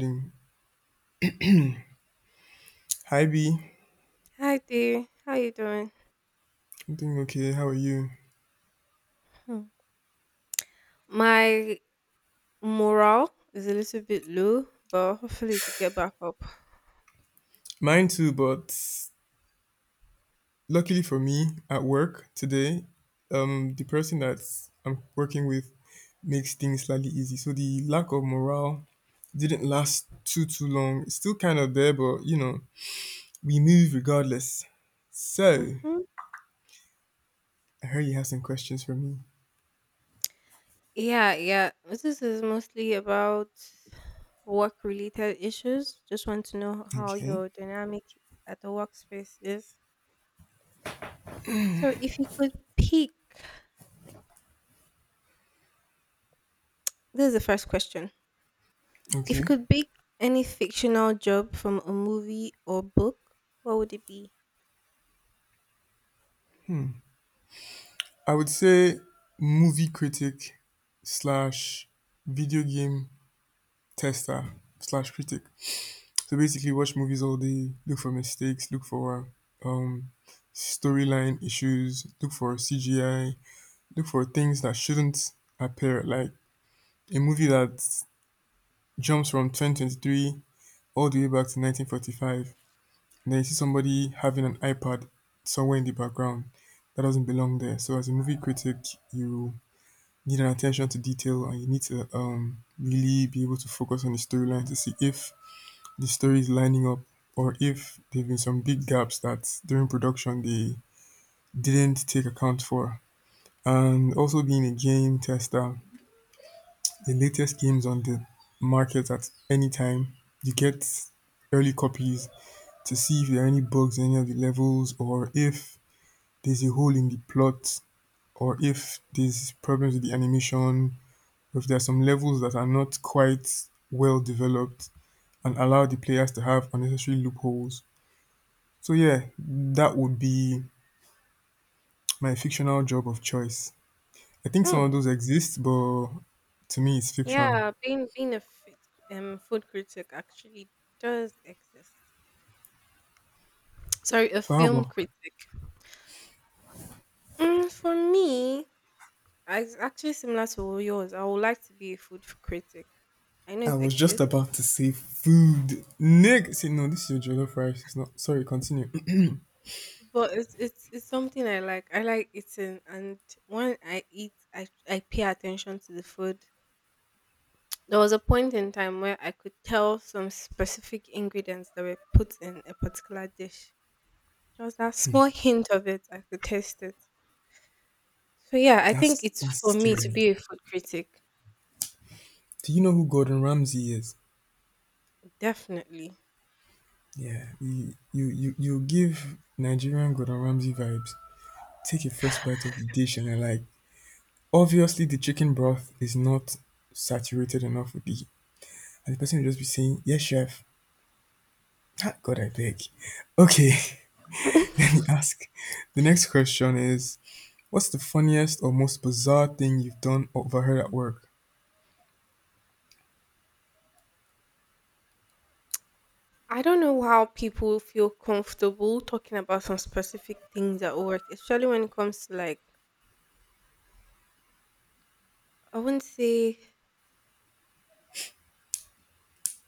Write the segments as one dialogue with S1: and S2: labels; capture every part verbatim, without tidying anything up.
S1: Mm. Hi B,
S2: Hi dear, how you doing?
S1: I'm doing okay. How are you?
S2: Hmm. My morale is a little bit low, but hopefully to get back up.
S1: Mine too, but luckily for me, at work today, um, the person that I'm working with makes things slightly easy. So the lack of morale didn't last too too long. It's still kind of there, but you know, we move regardless. So
S2: Hmm.
S1: I heard you have some questions for me.
S2: Yeah, yeah. This is mostly about work-related issues. Just want to know how
S1: Okay.
S2: your dynamic at the workspace is. So, if you could pick, this is the first question. If you
S1: Okay.
S2: could pick any fictional job from a movie or book, what would it be?
S1: I would say movie critic slash video game tester slash critic. So basically, watch movies all day, look for mistakes, look for um, storyline issues, look for C G I, look for things that shouldn't appear. Like a movie that jumps from twenty twenty-three all the way back to nineteen forty-five. And then you see somebody having an iPad somewhere in the background that doesn't belong there. So, as a movie critic, you need an attention to detail and you need to um, really be able to focus on the storyline to see if the stories lining up or if there've been some big gaps that during production they didn't take account for. And also being a game tester, the latest games on the market at any time, you get early copies to see if there are any bugs in any of the levels or if there's a hole in the plot or if there's problems with the animation, if there are some levels that are not quite well developed and allow the players to have unnecessary loopholes. So yeah, that would be my fictional job of choice. I think some of
S2: Hmm.
S1: those exist, but to me, it's fiction.
S2: Yeah, being being a fit, um food critic actually does exist. Sorry, a
S1: So how
S2: film
S1: about?
S2: critic. Mm, for me, I- it's actually similar to yours. I would like to be a food f- critic. I know
S1: I
S2: it
S1: was just
S2: exists,
S1: about to say food. Nick, see, no, this is your jollof rice. It's not. Sorry, continue.
S2: but it's it's it's something I like. I like eating, and when I eat, I I pay attention to the food. There was a point in time where I could tell some specific ingredients that were put in a particular dish. There was that small hint of it. I could taste it. So yeah, I think
S1: that's
S2: it's
S1: that's
S2: for me to
S1: scary.
S2: be a food critic.
S1: Do you know who Gordon Ramsay is?
S2: Definitely.
S1: Yeah, you you you, you give Nigerian Gordon Ramsay vibes. Take a first bite of the dish and you're like, obviously the chicken broth is not saturated enough with the. And the person will just be saying, yes, chef. Ah, God, I beg. Okay, let me ask. The next question is, what's the funniest or most bizarre thing you've done or overheard at work?
S2: I don't know how people feel comfortable talking about some specific things at work, especially when it comes to, like, I wouldn't say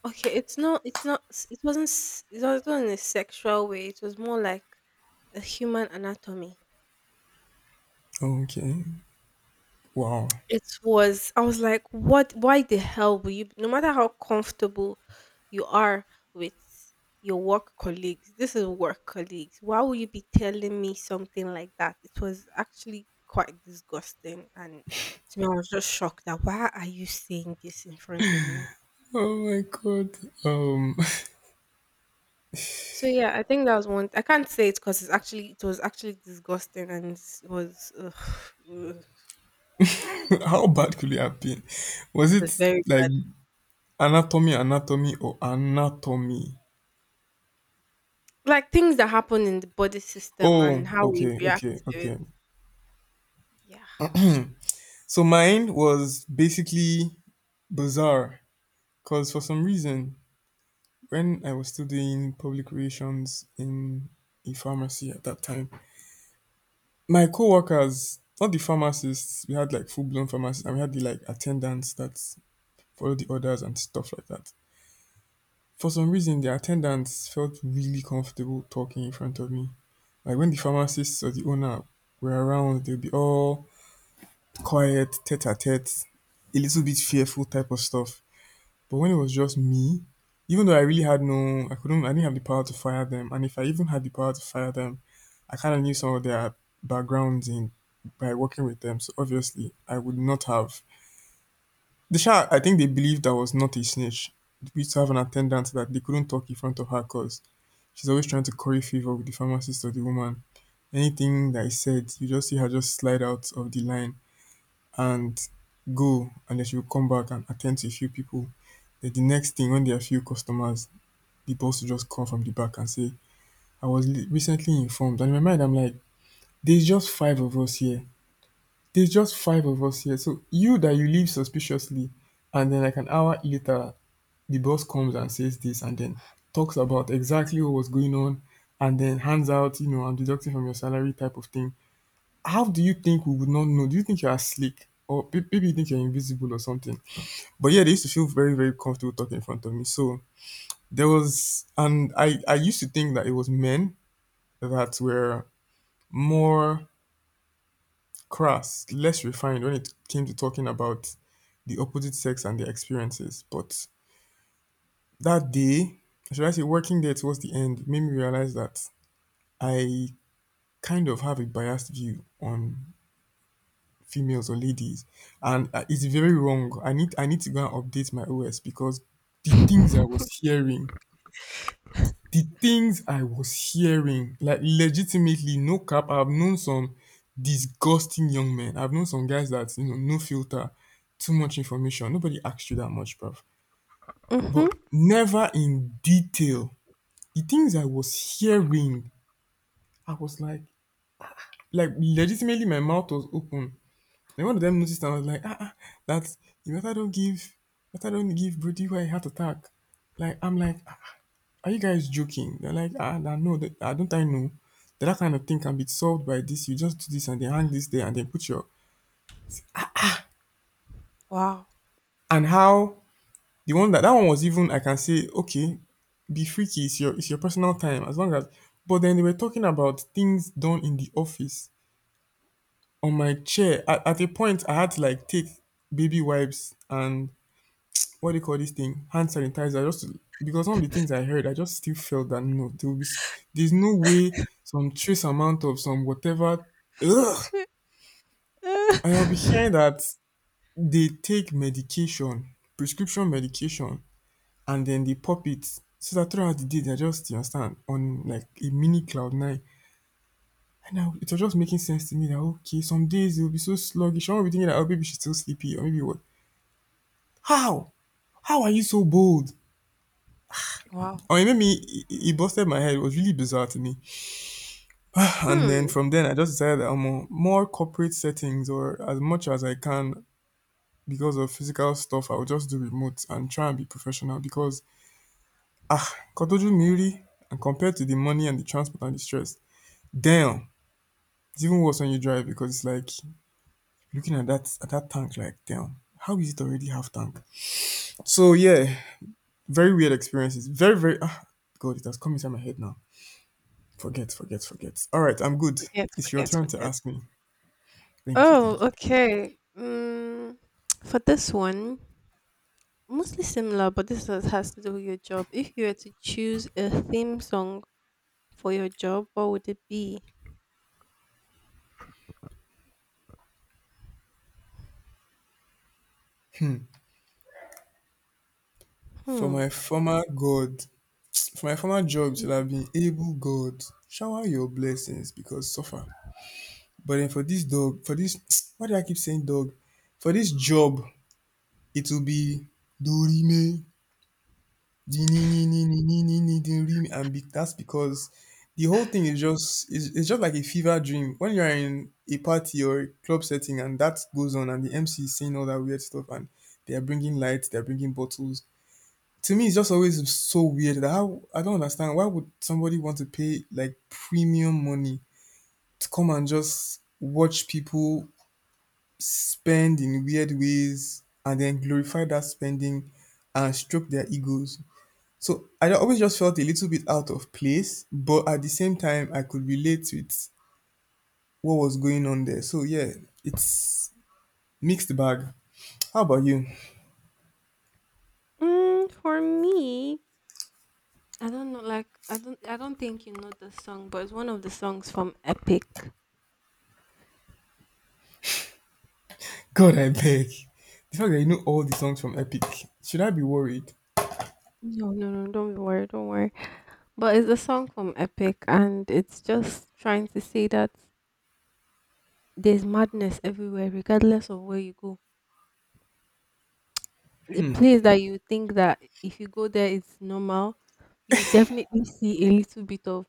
S2: okay, it's not it's not s- it wasn't s- it wasn't in a sexual way. It was more like a human anatomy.
S1: Okay. Wow.
S2: It was. I was like, what? Why the hell will you? No matter how comfortable you are with your work colleagues, this is work colleagues. Why will you be telling me something like that? It was actually quite disgusting, and to me, I was just shocked that why are you saying this in front of me?
S1: Oh my God. Um,
S2: So yeah, I think that was one. I can't say it because it's actually it was actually disgusting, and it's- it was ugh, ugh,
S1: how bad could it have been? Was
S2: it
S1: it
S2: was very
S1: like
S2: bad.
S1: anatomy, anatomy, or anatomy?
S2: Like things that happen in the body system
S1: Oh,
S2: and how we
S1: okay,
S2: react
S1: okay,
S2: to it.
S1: okay.
S2: Yeah.
S1: So mine was basically bizarre because for some reason when I was still doing public relations in a pharmacy at that time, my co-workers, not the pharmacists, we had like full-blown pharmacists and we had the like attendants that follow the orders and stuff like that. For some reason, the attendants felt really comfortable talking in front of me. Like when the pharmacists or the owner were around, they'd be all quiet, tete-a-tete, a little bit fearful type of stuff. But when it was just me, even though I really had no, I couldn't, I didn't have the power to fire them. And if I even had the power to fire them, I kind of knew some of their backgrounds in by working with them. So obviously, I would not have. The shark, I think they believed I was not a snitch. We used to have an attendant that they couldn't talk in front of her because she's always trying to curry favor with the pharmacist or the woman. Anything that I said, you just see her just slide out of the line and go, and then she will come back and attend to a few people. Then the next thing, when there are few customers, the boss to just come from the back and say, I was li- recently informed. And in my mind, I'm like, there's just five of us here. There's just five of us here. So you that you leave suspiciously, and then like an hour later, the boss comes and says this, and then talks about exactly what was going on, and then hands out, you know, I'm deducting from your salary type of thing. How do you think we would not know? Do you think you are slick? Or pe- maybe you think you're invisible or something. But yeah, they used to feel very, very comfortable talking in front of me. So there was, and I, I used to think that it was men that were more crass, less refined when it came to talking about the opposite sex and their experiences. But that day, or should I say, working there towards the end, made me realize that I kind of have a biased view on females or ladies, and uh, it's very wrong. I need I need to go and update my O S because the things I was hearing the things I was hearing, like legitimately, no cap, I've known some disgusting young men. I've known some guys that, you know, no filter, too much information. Nobody asked you that much, bruv. But
S2: Mhm.
S1: never in detail. The things I was hearing, I was like, like legitimately my mouth was open. Then one of them noticed and I was like, ah, ah that you better don't give better don't give Brody where heart attack. Like I'm like "Ah, Are you guys joking? They're like, ah, nah, no, that, ah, don't I know that that kind of thing can be solved by this? You just do this and then hang this there and then put your
S2: Wow.
S1: and how the one that that one was even I can say okay, be freaky. It's your it's your personal time as long as. But then they were talking about things done in the office on my chair. At, at a point, I had to like take baby wipes and what do you call this thing? Hand sanitizer. Just to, because some of the things I heard, I just still felt that no, there will be s- there's no way some trace amount of some whatever. Ugh, and I'll be hearing that they take medication, prescription medication, and then they pop it so that throughout the day they're just you understand on like a mini cloud nine. And now it was just making sense to me that okay, some days they'll be so sluggish. I will be thinking that oh, maybe she's still sleepy or maybe what? How? How are you so bold?
S2: Wow.
S1: Or it made me it, it busted my head. It was really bizarre to me. And then
S2: Hmm.
S1: from then I just decided that I'm more, more corporate settings or as much as I can because of physical stuff, I will just do remote and try and be professional because ah Kotoju Miri and compared to the money and the transport and the stress, damn. It's even worse when you drive because it's like looking at that at that tank like damn. How is it already half tank? So yeah, very weird experiences. Very, very ah God, it has come inside my head now. Forget, forget, forget. All right, I'm good.
S2: Forget,
S1: It's your
S2: forget,
S1: turn to
S2: forget.
S1: ask me. Thank you,
S2: Oh,
S1: thank you.
S2: okay. Mm, for this one, mostly similar, but this has has to do with your job. If you were to choose a theme song for your job, what would it be?
S1: For
S2: Hmm.
S1: my former God, for my former job, should have been able God shower your blessings because suffer. But then for this dog, for this, why do I keep saying dog? For this job, it will be Dorime Di- ni- ni- ni- ni- ni- ni- ni- the rim and be, that's because the whole thing is just it's, it's just like a fever dream when you're in a party or a club setting and that goes on and the M C is saying all that weird stuff and they are bringing lights they're bringing bottles to me it's just always so weird that how I don't understand why would somebody want to pay like premium money to come and just watch people spend in weird ways and then glorify that spending and stroke their egos so I always just felt a little bit out of place, but at the same time, I could relate with what was going on there. So yeah, it's mixed bag. How about you?
S2: Mm, for me, I don't know. Like, I don't. I don't think you know the song, but it's one of the songs from Epic.
S1: God, I beg. The fact that you know all the songs from Epic, should I be worried?
S2: No, no, no. Don't worry. Don't worry. But it's a song from Epic, and it's just trying to say that there's madness everywhere, regardless of where you go. The place that you think that if you go there, it's normal, you definitely see a little bit of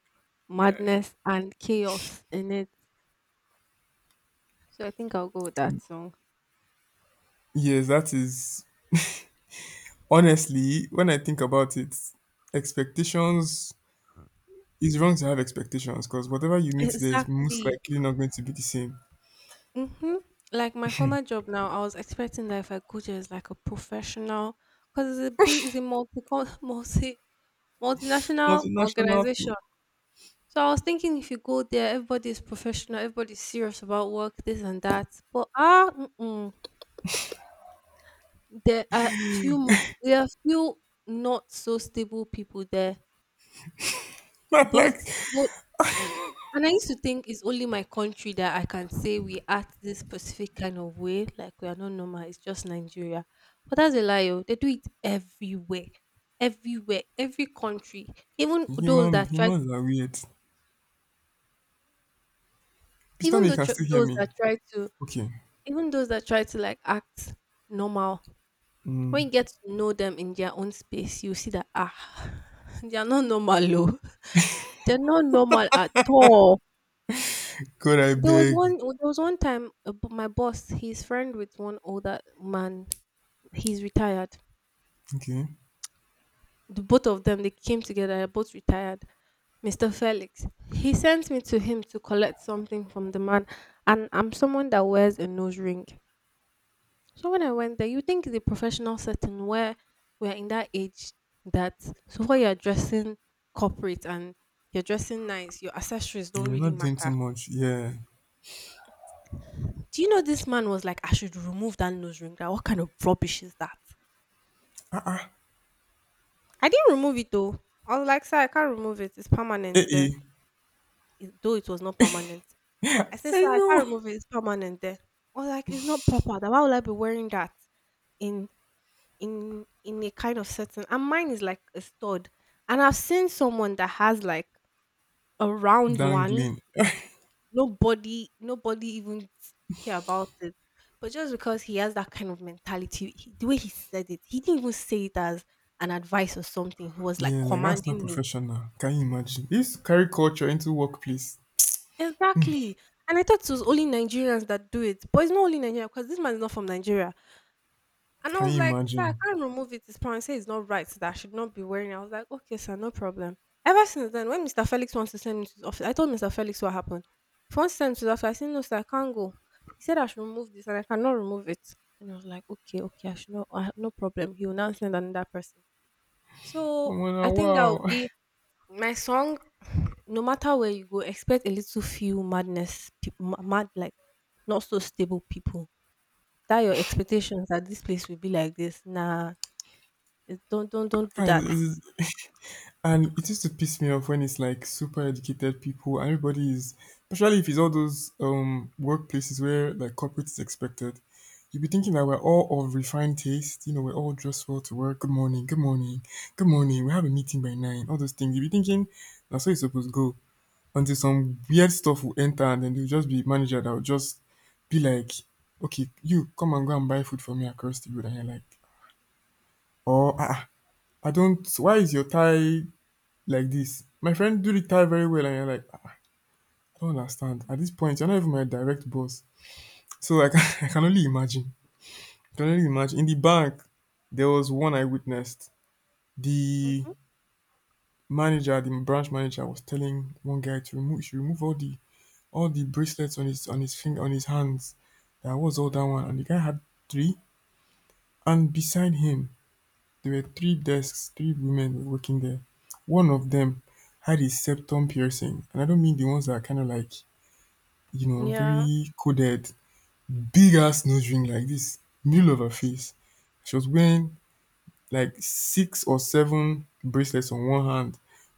S2: madness and chaos in it. So I think I'll go with that song.
S1: Yes, that is honestly when I think about it, expectations. It's wrong to have expectations because whatever you meet there is most
S2: Exactly.
S1: likely not going to be the same.
S2: Mm-hmm. Like my former job now, I was expecting that if I go there as like a professional, because it's a big, it's a multi, multi, multinational
S1: Multinational thing.
S2: organization. So I was thinking if you go there, everybody is professional, everybody's serious about work, this and that. But ah, mm-mm, there are few, there are few not so stable people there.
S1: like
S2: Both, both, and I used to think it's only my country that I can say we act this specific kind of way, like we are not normal. It's just Nigeria, but that's a lie, oh. They do it everywhere, everywhere, every country. Even those
S1: human
S2: that try to,
S1: humans are weird. Please tell me
S2: even
S1: you
S2: though
S1: can
S2: tr-
S1: still hear
S2: those
S1: me.
S2: that try to
S1: Okay.
S2: Even those that try to like act normal,
S1: Mm.
S2: when you get to know them in their own space, you see that ah, they are not normal, oh. They're not normal at all.
S1: God, I
S2: There was
S1: beg.
S2: one. There was one time uh, b- my boss, he's friend with one older man. He's retired.
S1: Okay.
S2: The both of them they came together. They're both retired. Mister Felix. He sent me to him to collect something from the man, and I'm someone that wears a nose ring. So when I went there, you think the professional setting where we're in that age that so far you're dressing corporate and you're dressing nice, your accessories don't
S1: You're
S2: really
S1: not doing too
S2: matter.
S1: much. Yeah.
S2: Do you know this man was like, I should remove that nose ring? That what kind of rubbish is that? I didn't remove it though. I was like, sir, I can't remove it. It's permanent
S1: Eh.
S2: there.
S1: Eh.
S2: It- though it was not permanent. I said,
S1: I
S2: sir, I
S1: know.
S2: can't remove it. It's permanent there. I was like, it's not proper. Then why would I be wearing that in in in a kind of setting, and mine is like a stud, and I've seen someone that has like a round one.
S1: Dangling.
S2: Nobody nobody even care about it, but just because he has that kind of mentality, he, the way he said it, he didn't even say it as an advice or something. He was like
S1: Yeah, like that's not
S2: commanding me.
S1: professional. Can you imagine? This carry culture into workplace.
S2: Exactly. And I thought it was only Nigerians that do it, but it's not only Nigeria because this man is not from Nigeria. And I
S1: Can
S2: was
S1: you
S2: like, sir, I
S1: imagine?
S2: can't remove it. His parents say it's not right, so that I should not be wearing it. I was like, okay, sir, no problem. Ever since then, when Mister Felix wants to send me to his office, I told Mister Felix what happened. If he wants to send me to his office, I said, no, sir, I can't go. He said I should remove this and I cannot remove it. And I was like, okay, okay, I should not, I have no problem. He will now send another person.
S1: Oh
S2: So I
S1: man,
S2: think that would
S1: wow.
S2: be my song. No matter where you go, expect a little few madness, peop- ma- mad, like not so stable people, that your expectations that this place will be like this. Nah, it don't don't don't do
S1: Guys,
S2: that.
S1: it's- And it used to piss me off when it's like super educated people and everybody is, especially if it's all those um workplaces where like corporate is expected. You'll be thinking that we're all of refined taste, you know, we're all dressed well to work. Good morning, good morning, good morning. We have a meeting by nine. All those things. You'll be thinking that's how it's supposed to go until some weird stuff will enter, and then there'll just be manager that will just be like, okay, you come and go and buy food for me across the road. And you're like, oh, ah, ah, I don't, why is your tie like this? My friend do retire very well, and you're like, "Ah, I don't understand. At this point, you're not even my direct boss. So like, I can only imagine. I can only imagine. In the bank, there was one I witnessed. The
S2: Mhm.
S1: manager, the branch manager, was telling one guy to remove, he should remove all the all the bracelets on his on his finger on his hands. That was all that one, and the guy had three. And beside him, there were three desks, three women working there. One of them had a septum piercing, and I don't mean the ones that are kind of like, you know,
S2: Yeah.
S1: very coded, big ass nose ring like this, middle of her face. She was wearing like six or seven bracelets on one hand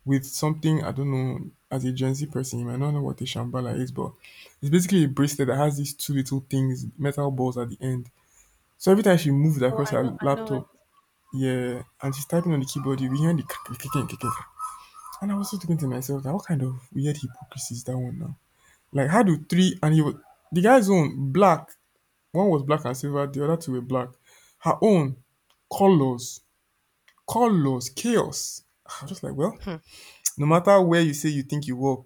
S1: with something I don't know. As a Gen Z person, you might not know what a shambala is, but it's basically a bracelet that has these two little things, metal balls at the end. So every time she moved
S2: Oh,
S1: across
S2: I
S1: her
S2: know, I know it.
S1: laptop, yeah, and she's typing on the keyboard, you hear the click, click, click, click, click. And I was just thinking to myself, like, what kind of weird hypocrisy is that one now? Like, how do three and you, the guy's own black, one was black and silver, the other two were black. Her own colors, colors, chaos. I was just like, well,
S2: Hmm.
S1: no matter where you say you think you work,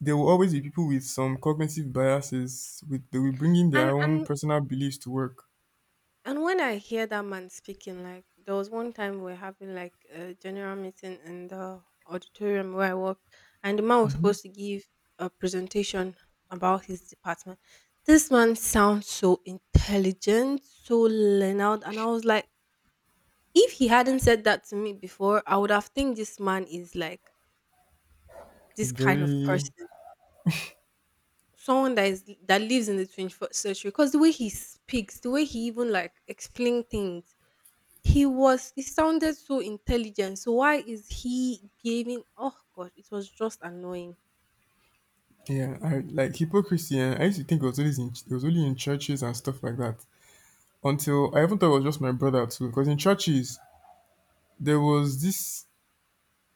S1: there will always be people with some cognitive biases. With they will bring in their
S2: And
S1: own
S2: and
S1: personal beliefs to work.
S2: and when I hear that man speaking, like there was one time we are having like a general meeting in the auditorium where I worked, and the man was
S1: hmm
S2: supposed to give a presentation about his department. This man sounds so intelligent, so learned, and I was like, if he hadn't said that to me before, I would have think this man is like this kind of
S1: Very,
S2: person. Someone that is that lives in the twenty-first century because the way he speaks, the way he even like explain things, he was he sounded so intelligent. So why is he behaving? Oh God, it was just annoying.
S1: yeah, I, like hypocrisy. And I used to think it was always in, it was only in churches and stuff like that. Until I even thought it was just my brother too, because in churches there was this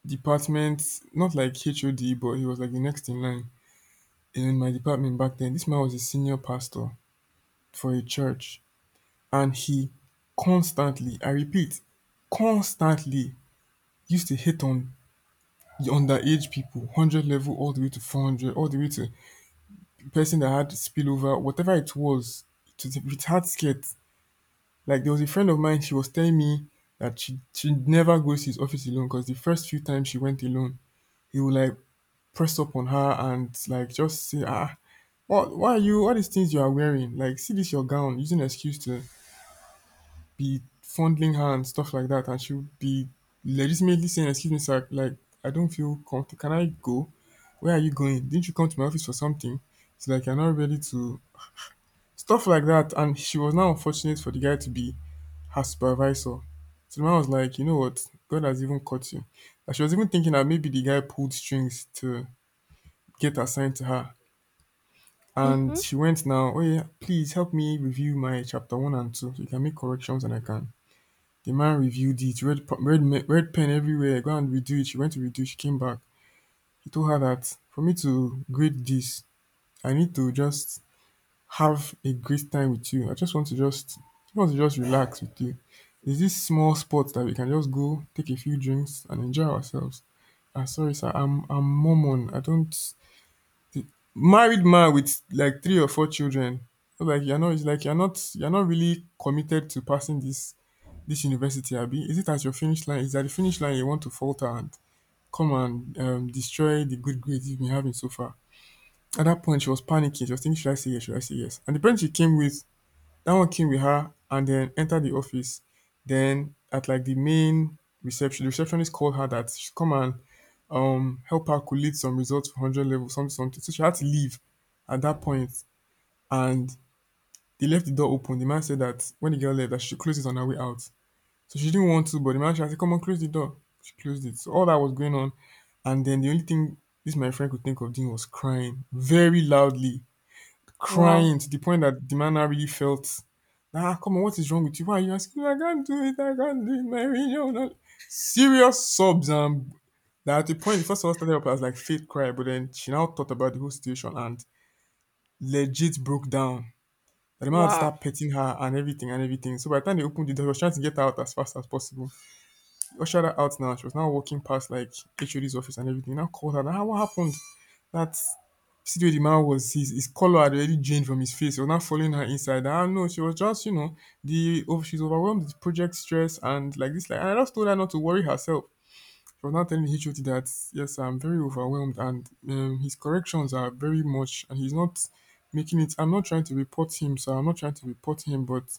S1: department, not like H O D, but he was like the next in line in my department back then. This man was a senior pastor for a church, and he constantly, I repeat, constantly used to hit on the underage people, one hundred level all the way to four hundred, all the way to the person that had spillover, whatever it was, to the with hard skirt. Like, there was a friend of mine, she was telling me that she she never goes to his office alone, because the first few times she went alone, he would like press up on her and like just say, ah, what, why are you, all these things you are wearing? Like, see this your gown, using an excuse to be fondling her and stuff like that. And she'll be legitimately saying, excuse me, sir, like, I don't feel comfortable. Can I go? Where are you going? Didn't you come to my office for something? It's like, you're not ready to, stuff like that. And she was now unfortunate for the guy to be her supervisor. So the man was like, you know what? God has even caught you. And she was even thinking that maybe the guy pulled strings to get assigned to her. And
S2: Mm-hmm.
S1: she went now, oh yeah, please help me review my chapter one and two so you can make corrections and I can. The man reviewed it, red, pa- red, me- red pen everywhere, go and redo it. She went to redo it, she came back. He told her that, for me to grade this, I need to just have a great time with you. I just want to just, I want to just relax with you. Is this small spot that we can just go, take a few drinks and enjoy ourselves? Ah, sorry, sir, I'm, I'm Mormon. I don't, married man with like three or four children, so like you're not it's like you're not you're not really committed to passing this this university, abi, is it at your finish line, is at the finish line you want to falter and come and um, destroy the good grades you've been having so far? At that point, she was panicking, she was thinking, should I say yes, should I say yes? And the person she came with, that one came with her and then entered the office. Then, at like the main reception, the receptionist called her that she should come and um help her collate some results for one hundred level, something something, so she had to leave at that point. And they left the door open. The man said that when the girl left, that she should close it on her way out. So she didn't want to, but the man said, come on, close the door. She closed it, so all that was going on. And then the only thing this my friend could think of doing was crying very loudly,
S2: Wow.
S1: crying to the point that the man now really felt, ah, come on, what is wrong with you, why are you asking me? I can't do it, I can't do it, my religion, no. Serious sobs, and now, at the point, the first of all started up as like fake cry, but then she now thought about the whole situation and legit broke down. And the man had to
S2: Wow.
S1: start petting her and everything and everything. So by the time they opened the door, he was trying to get her out as fast as possible. He ushered her out now. She was now walking past like H O D's office and everything. He now called her. Now, what happened? That, see the way the man was, his, his color had already drained from his face. He was now following her inside. Ah, no, she was just, you know, the oh, she's overwhelmed with project stress and like this. Like, and I just told her not to worry herself. For not telling H O T that, yes, I'm very overwhelmed and um, his corrections are very much, and he's not making it. I'm not trying to report him, so I'm not trying to report him, but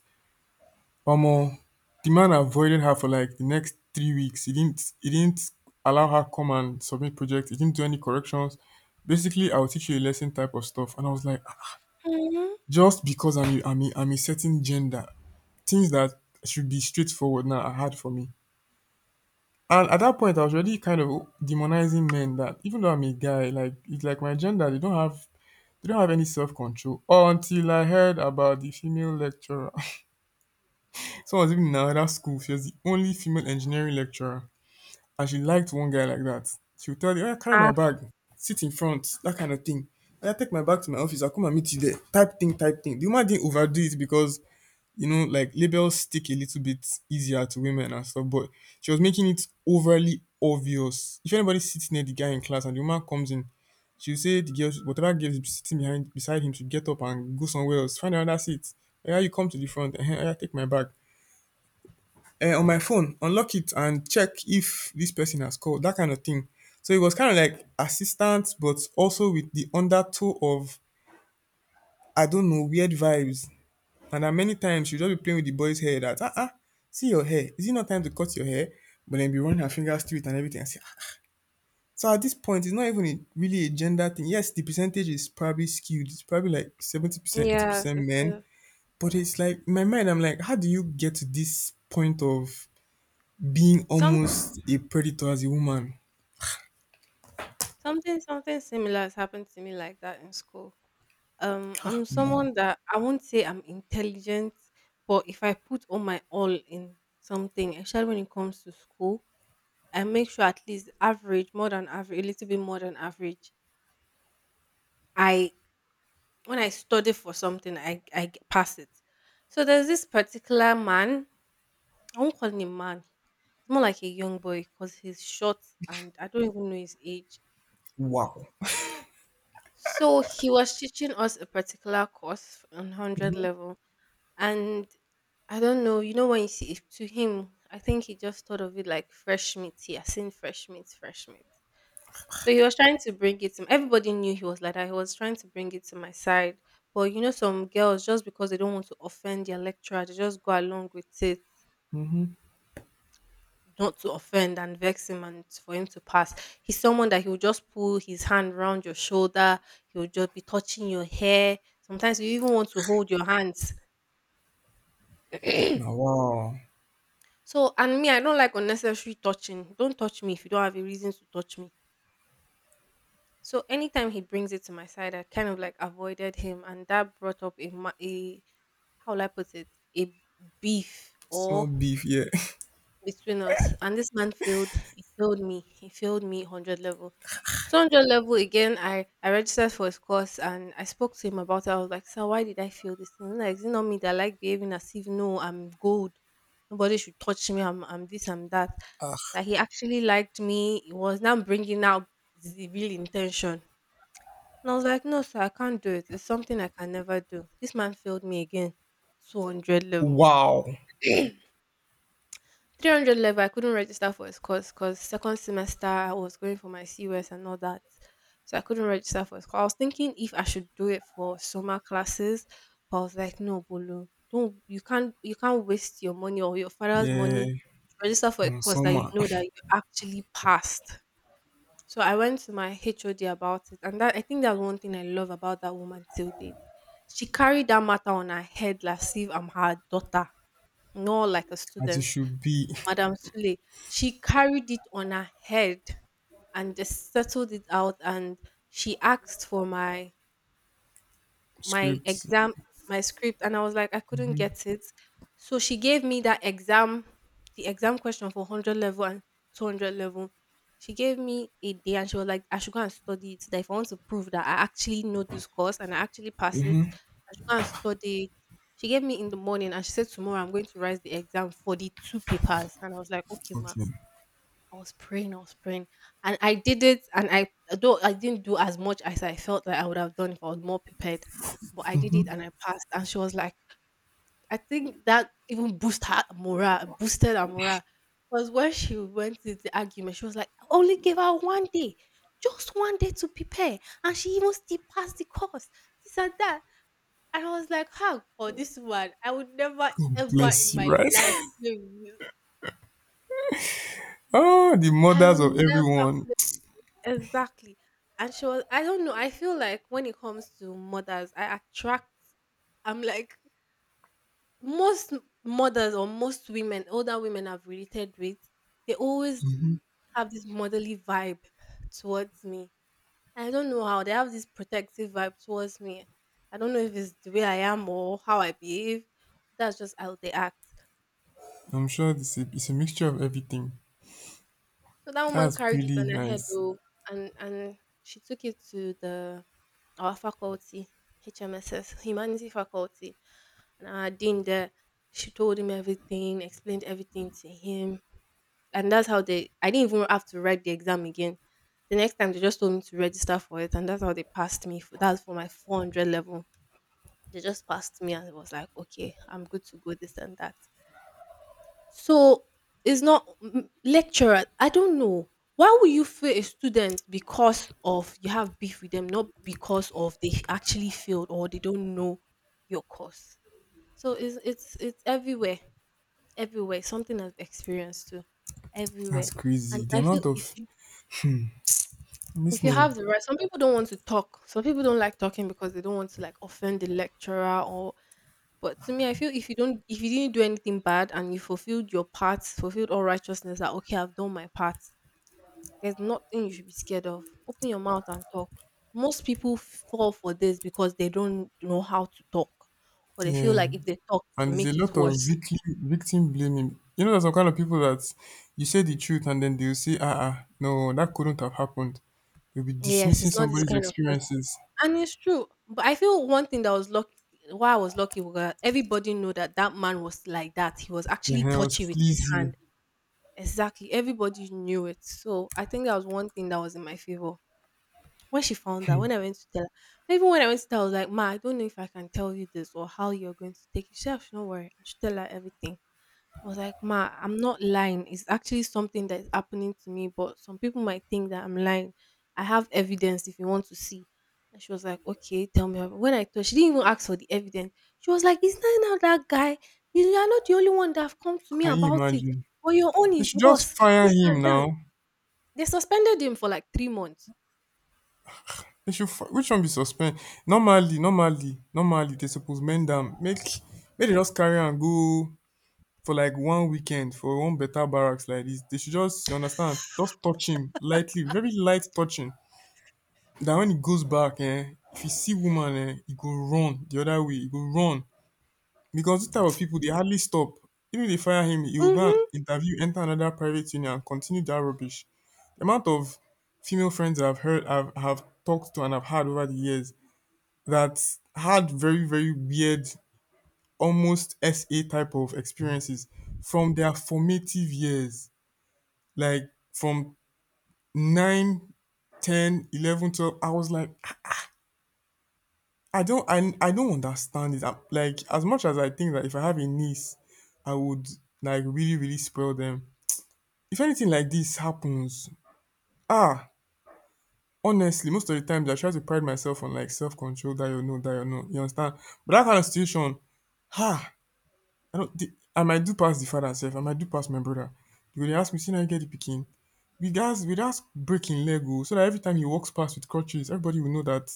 S1: omo, the man avoided her for like the next three weeks. He didn't, he didn't allow her come and submit projects. He didn't do any corrections. Basically, I'll teach you a lesson type of stuff. And I was like, "Ah, ah,
S2: Mm-hmm.
S1: just because I'm, a- I'm, a, I'm a certain gender, things that should be straightforward now are hard for me." And at that point, I was already kind of demonizing men, that even though I'm a guy, like, it's like my gender, they don't have they don't have any self control. Until I heard about the female lecturer. Someone was even in another school. She was the only female engineering lecturer. And she liked one guy like that. She would tell you, "Oya, carry my
S2: Ah.
S1: bag, sit in front," that kind of thing. "I take my bag to my office, I'll come and meet you there." Type thing, type thing. The woman didn't overdo it because, you know, like, labels stick a little bit easier to women and stuff, but she was making it overly obvious. If anybody sits near the guy in class and the woman comes in, she'll say the girl, should- whatever girl is sitting behind beside him should get up and go somewhere else, find another seat. Yeah, you come to the front, and yeah, take my bag, uh, on my phone, unlock it and check if this person has called, that kind of thing. So it was kind of like assistance, but also with the undertow of, I don't know, weird vibes. And then many times she'll just be playing with the boy's hair, that, ah, ah, see your hair, is it not time to cut your hair? But then be running her fingers through it and everything. I say, "Ah, ah." So at this point, it's not even a, really a gender thing. Yes, the percentage is probably skewed. It's probably like seventy percent,
S2: Yes,
S1: eighty percent
S2: it
S1: men.
S2: is.
S1: But it's like, in my mind, I'm like, how do you get to this point of being
S2: some
S1: almost a predator as a woman?
S2: something something similar has happened to me like that in school. Um,
S1: Ah,
S2: I'm
S1: man.
S2: someone that I won't say I'm intelligent, but if I put all my all in something, especially when it comes to school, I make sure at least average, more than average, a little bit more than average. I When I study for something, I I g- pass it. So there's this particular man. I won't call him man. It's more like a young boy because he's short and I don't even know his age.
S1: Wow.
S2: So he was teaching us a particular course on one hundred level. And I don't know, you know, when you see it to him, I think he just thought of it like fresh meat. He has seen fresh meat, fresh meat. So he was trying to bring it to everybody knew he was like that. He was trying to bring it to my side. But you know, some girls just because they don't want to offend their lecturer, they just go along with it
S1: Hmm.
S2: not to offend and vex him and for him to pass. He's someone that he will just pull his hand round your shoulder, he will just be touching your hair. Sometimes you even want to hold your hands.
S1: Now, wow.
S2: So, and me, I don't like unnecessary touching. Don't touch me if you don't have a reason to touch me. So, anytime he brings it to my side, I kind of like avoided him, and that brought up a, ma- a how will I put it, a beef
S1: Small
S2: or
S1: beef, yeah.
S2: between us. And this man failed. He failed me. He failed me one hundred level. So one hundred level again, I, I registered for his course and I spoke to him about it. I was like, sir, why did I fail this thing? He's like, is it not me that I like behaving as if no, I'm gold. Nobody should touch me. I'm, I'm this, I'm that. That he actually liked me. He was now bringing out the real intention. And I was like, no, sir, I can't do it. It's something I can never do. This man failed me again. two hundred level.
S1: Wow.
S2: three hundred level I couldn't register for his course because second semester I was going for my C U S and all that. So I couldn't register for his course. I was thinking if I should do it for summer classes, but I was like, no, Bolo, don't, you can't you can't waste your money or your father's
S1: Yeah.
S2: money to register for a
S1: Mm,
S2: course that you
S1: summer.
S2: know that you actually passed. So I went to my H O D about it, and that I think that's one thing I love about that woman till date. She carried that matter on her head like as if I'm her daughter, not like a
S1: As it
S2: student.
S1: should be.
S2: Madam Sule, she carried it on her head and just settled it out and she asked for my my
S1: Scripts.
S2: exam my script, and I was like, I couldn't get it. So she gave me that exam the exam question for one hundred level and two hundred level. She gave me a day and she was like, I should go and study it, that if I want to prove that I actually know this course and I actually pass it, I should go and study it. She gave me in the morning and she said tomorrow I'm going to write the exam for the two papers, and I was like, okay, ma.
S1: Okay.
S2: I was praying, I was praying, and I did it. And I Though I didn't do as much as I felt like I would have done if I was more prepared, but I did it and I passed. And she was like, I think that even boosted her morale, boosted her morale. Because when she went to the argument, she was like, I only gave her one day, just one day to prepare, and she even still passed the course. This and that. And I was like, how for this one? I would never ever
S1: Bless
S2: in
S1: you,
S2: my
S1: right?
S2: life play with you.
S1: Oh, the
S2: I
S1: mothers
S2: will
S1: of
S2: never
S1: everyone.
S2: play. Exactly. And she was, I don't know, I feel like when it comes to mothers, I attract, I'm like, most mothers or most women, older women I've related with, they always have this motherly vibe towards me. I don't know how they have this protective vibe towards me. I don't know if it's the way I am or how I behave. That's just how they act.
S1: I'm sure it's a, it's a mixture of everything.
S2: So that woman
S1: That's
S2: carried it
S1: pretty
S2: on her head,
S1: nice.
S2: oh, and and she took it to the our faculty, H M S S, humanities faculty, and our dean there. She told him everything, explained everything to him, and that's how they. I didn't even have to write the exam again. The next time they just told me to register for it, and that's how they passed me. For, that's for my four hundred level. They just passed me, and it was like, okay, I'm good to go. This and that. So, it's not m- lecturer. I don't know. Why would you fail a student because of you have beef with them, not because of they actually failed or they don't know your course? So it's it's it's everywhere, everywhere. Something I've experienced too,
S1: That's
S2: everywhere.
S1: crazy.
S2: And
S1: The
S2: I feel
S1: amount
S2: if
S1: of
S2: if you have
S1: listening.
S2: the right, some people don't want to talk. Some people don't like talking because they don't want to like offend the lecturer, or but to me I feel if you don't, if you didn't do anything bad and you fulfilled your part, fulfilled all righteousness, that okay, I've done my part. There's nothing you should be scared of. Open your mouth and talk. Most people fall for this because they don't know how to talk. Or they feel
S1: Yeah.
S2: like if they talk it
S1: And
S2: will
S1: there's a
S2: make it
S1: lot of
S2: worse.
S1: victim victim blaming. You know, there's some kind of people that you say the truth and then they'll say, ah, ah, no, that couldn't have happened. You'll be
S2: Yes,
S1: dismissing
S2: it's not this
S1: somebody's
S2: kind of person.
S1: experiences.
S2: And it's true. But I feel one thing that was lucky, why I was lucky, was that everybody knew that that man was like that. He was
S1: The
S2: actually
S1: hell,
S2: touchy with his
S1: sleazy.
S2: hand. Exactly. Everybody knew it. So I think that was one thing that was in my favor. When she found out, when I went to tell her, even when I went to tell her, I was like, Ma, I don't know if I can tell you this or how you're going to take it. She said, "Ah, do worry. I should tell her everything. I was like, Ma, I'm not lying. It's actually something that is happening to me, but some people might think that I'm lying. I have evidence if you want to see. And she was like, Okay, tell me. About-" When I told, she didn't even ask for the evidence. She was like, Is that not now that guy? You you are not the only one that have come to me
S1: Can you
S2: about it.
S1: imagine?
S2: But your own
S1: They
S2: is
S1: should just
S2: worse.
S1: fire
S2: This
S1: him
S2: and that.
S1: now.
S2: They suspended him for like three months.
S1: They should. Fi- which one be suspend? Normally, normally, normally, they suppose mend them. Make, make they just carry and go for like one weekend for one better barracks like this. They should just, you understand, just touch him lightly, very light touching. That when he goes back, eh? If he see woman, eh? He go run the other way, he go run, because this type of people, they hardly stop. Even they fire him, he will go and
S2: Mm-hmm.
S1: interview, enter another private union, and continue that rubbish. The amount of female friends I've heard I've have talked to and I've had over the years that had very very weird, almost S A type of experiences from their formative years, like, from nine, ten, eleven, twelve. I was like, I don't I, I don't understand it. I'm, like, as much as I think that if I have a niece, I would like really really spoil them. If anything like this happens, ah, honestly, most of the times I try to pride myself on like self control. That you know, that you know, you understand. But that kind of situation, ha, I don't. The, I might do pass the father self. I might do pass my brother. They will ask me, "See, now you get the picking." We guys, we just breaking Lego so that every time he walks past with crutches, everybody will know that,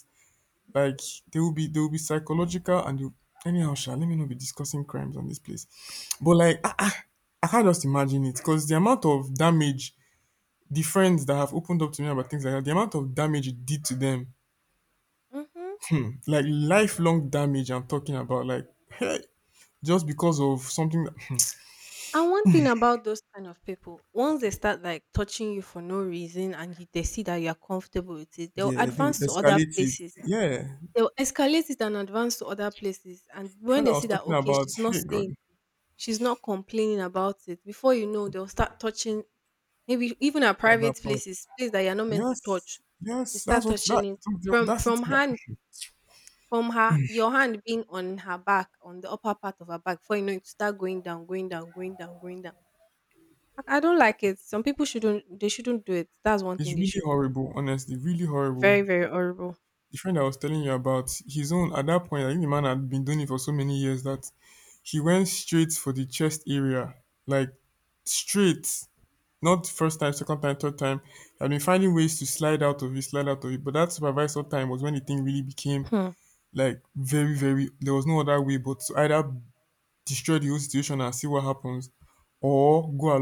S1: like, they will be they will be psychological, and they will, anyhow sha, let me not be discussing crimes on this place, but like, ah, ah, I can't just imagine it, because the amount of damage, the friends that have opened up to me about things like that, the amount of damage it did to them,
S2: Mm-hmm.
S1: like lifelong damage, I'm talking about, like, hey, just because of something that,
S2: And one thing about those kind of people, once they start like touching you for no reason and you, they see that you are comfortable with it, they'll
S1: yeah, they will
S2: advance to other
S1: escalate it,
S2: places.
S1: yeah,
S2: They'll escalate it and advance to other places. And when
S1: friend I
S2: they
S1: was
S2: see that,
S1: talking
S2: okay,
S1: about,
S2: she's not
S1: hey god,
S2: saying, she's not complaining about it, before you know, they'll start touching, maybe even at
S1: all that
S2: private
S1: part,
S2: places, place that you're not meant to touch.
S1: yes,
S2: You
S1: yes, that's
S2: start
S1: what that,
S2: touching it
S1: the
S2: from
S1: audacity,
S2: from
S1: that,
S2: hand,
S1: hmm,
S2: from her your hand being on her back, on the upper part of her back, before you know it start going down, going down, going down, going down. I, I don't like it. Some people shouldn't, they shouldn't do it. That's one
S1: it's
S2: thing they
S1: really
S2: should.
S1: horrible, honestly, really horrible.
S2: Very, very horrible.
S1: The friend I was telling you about, his own, at that point, I think the man had been doing it for so many years that he went straight for the chest area, like, straight, not first time, second time, third time. I've been finding ways to slide out of it, slide out of it. But that supervisor time was when the thing really became,
S2: Hmm.
S1: like, very, very. There was no other way but to either destroy the whole situation and see what happens, or go along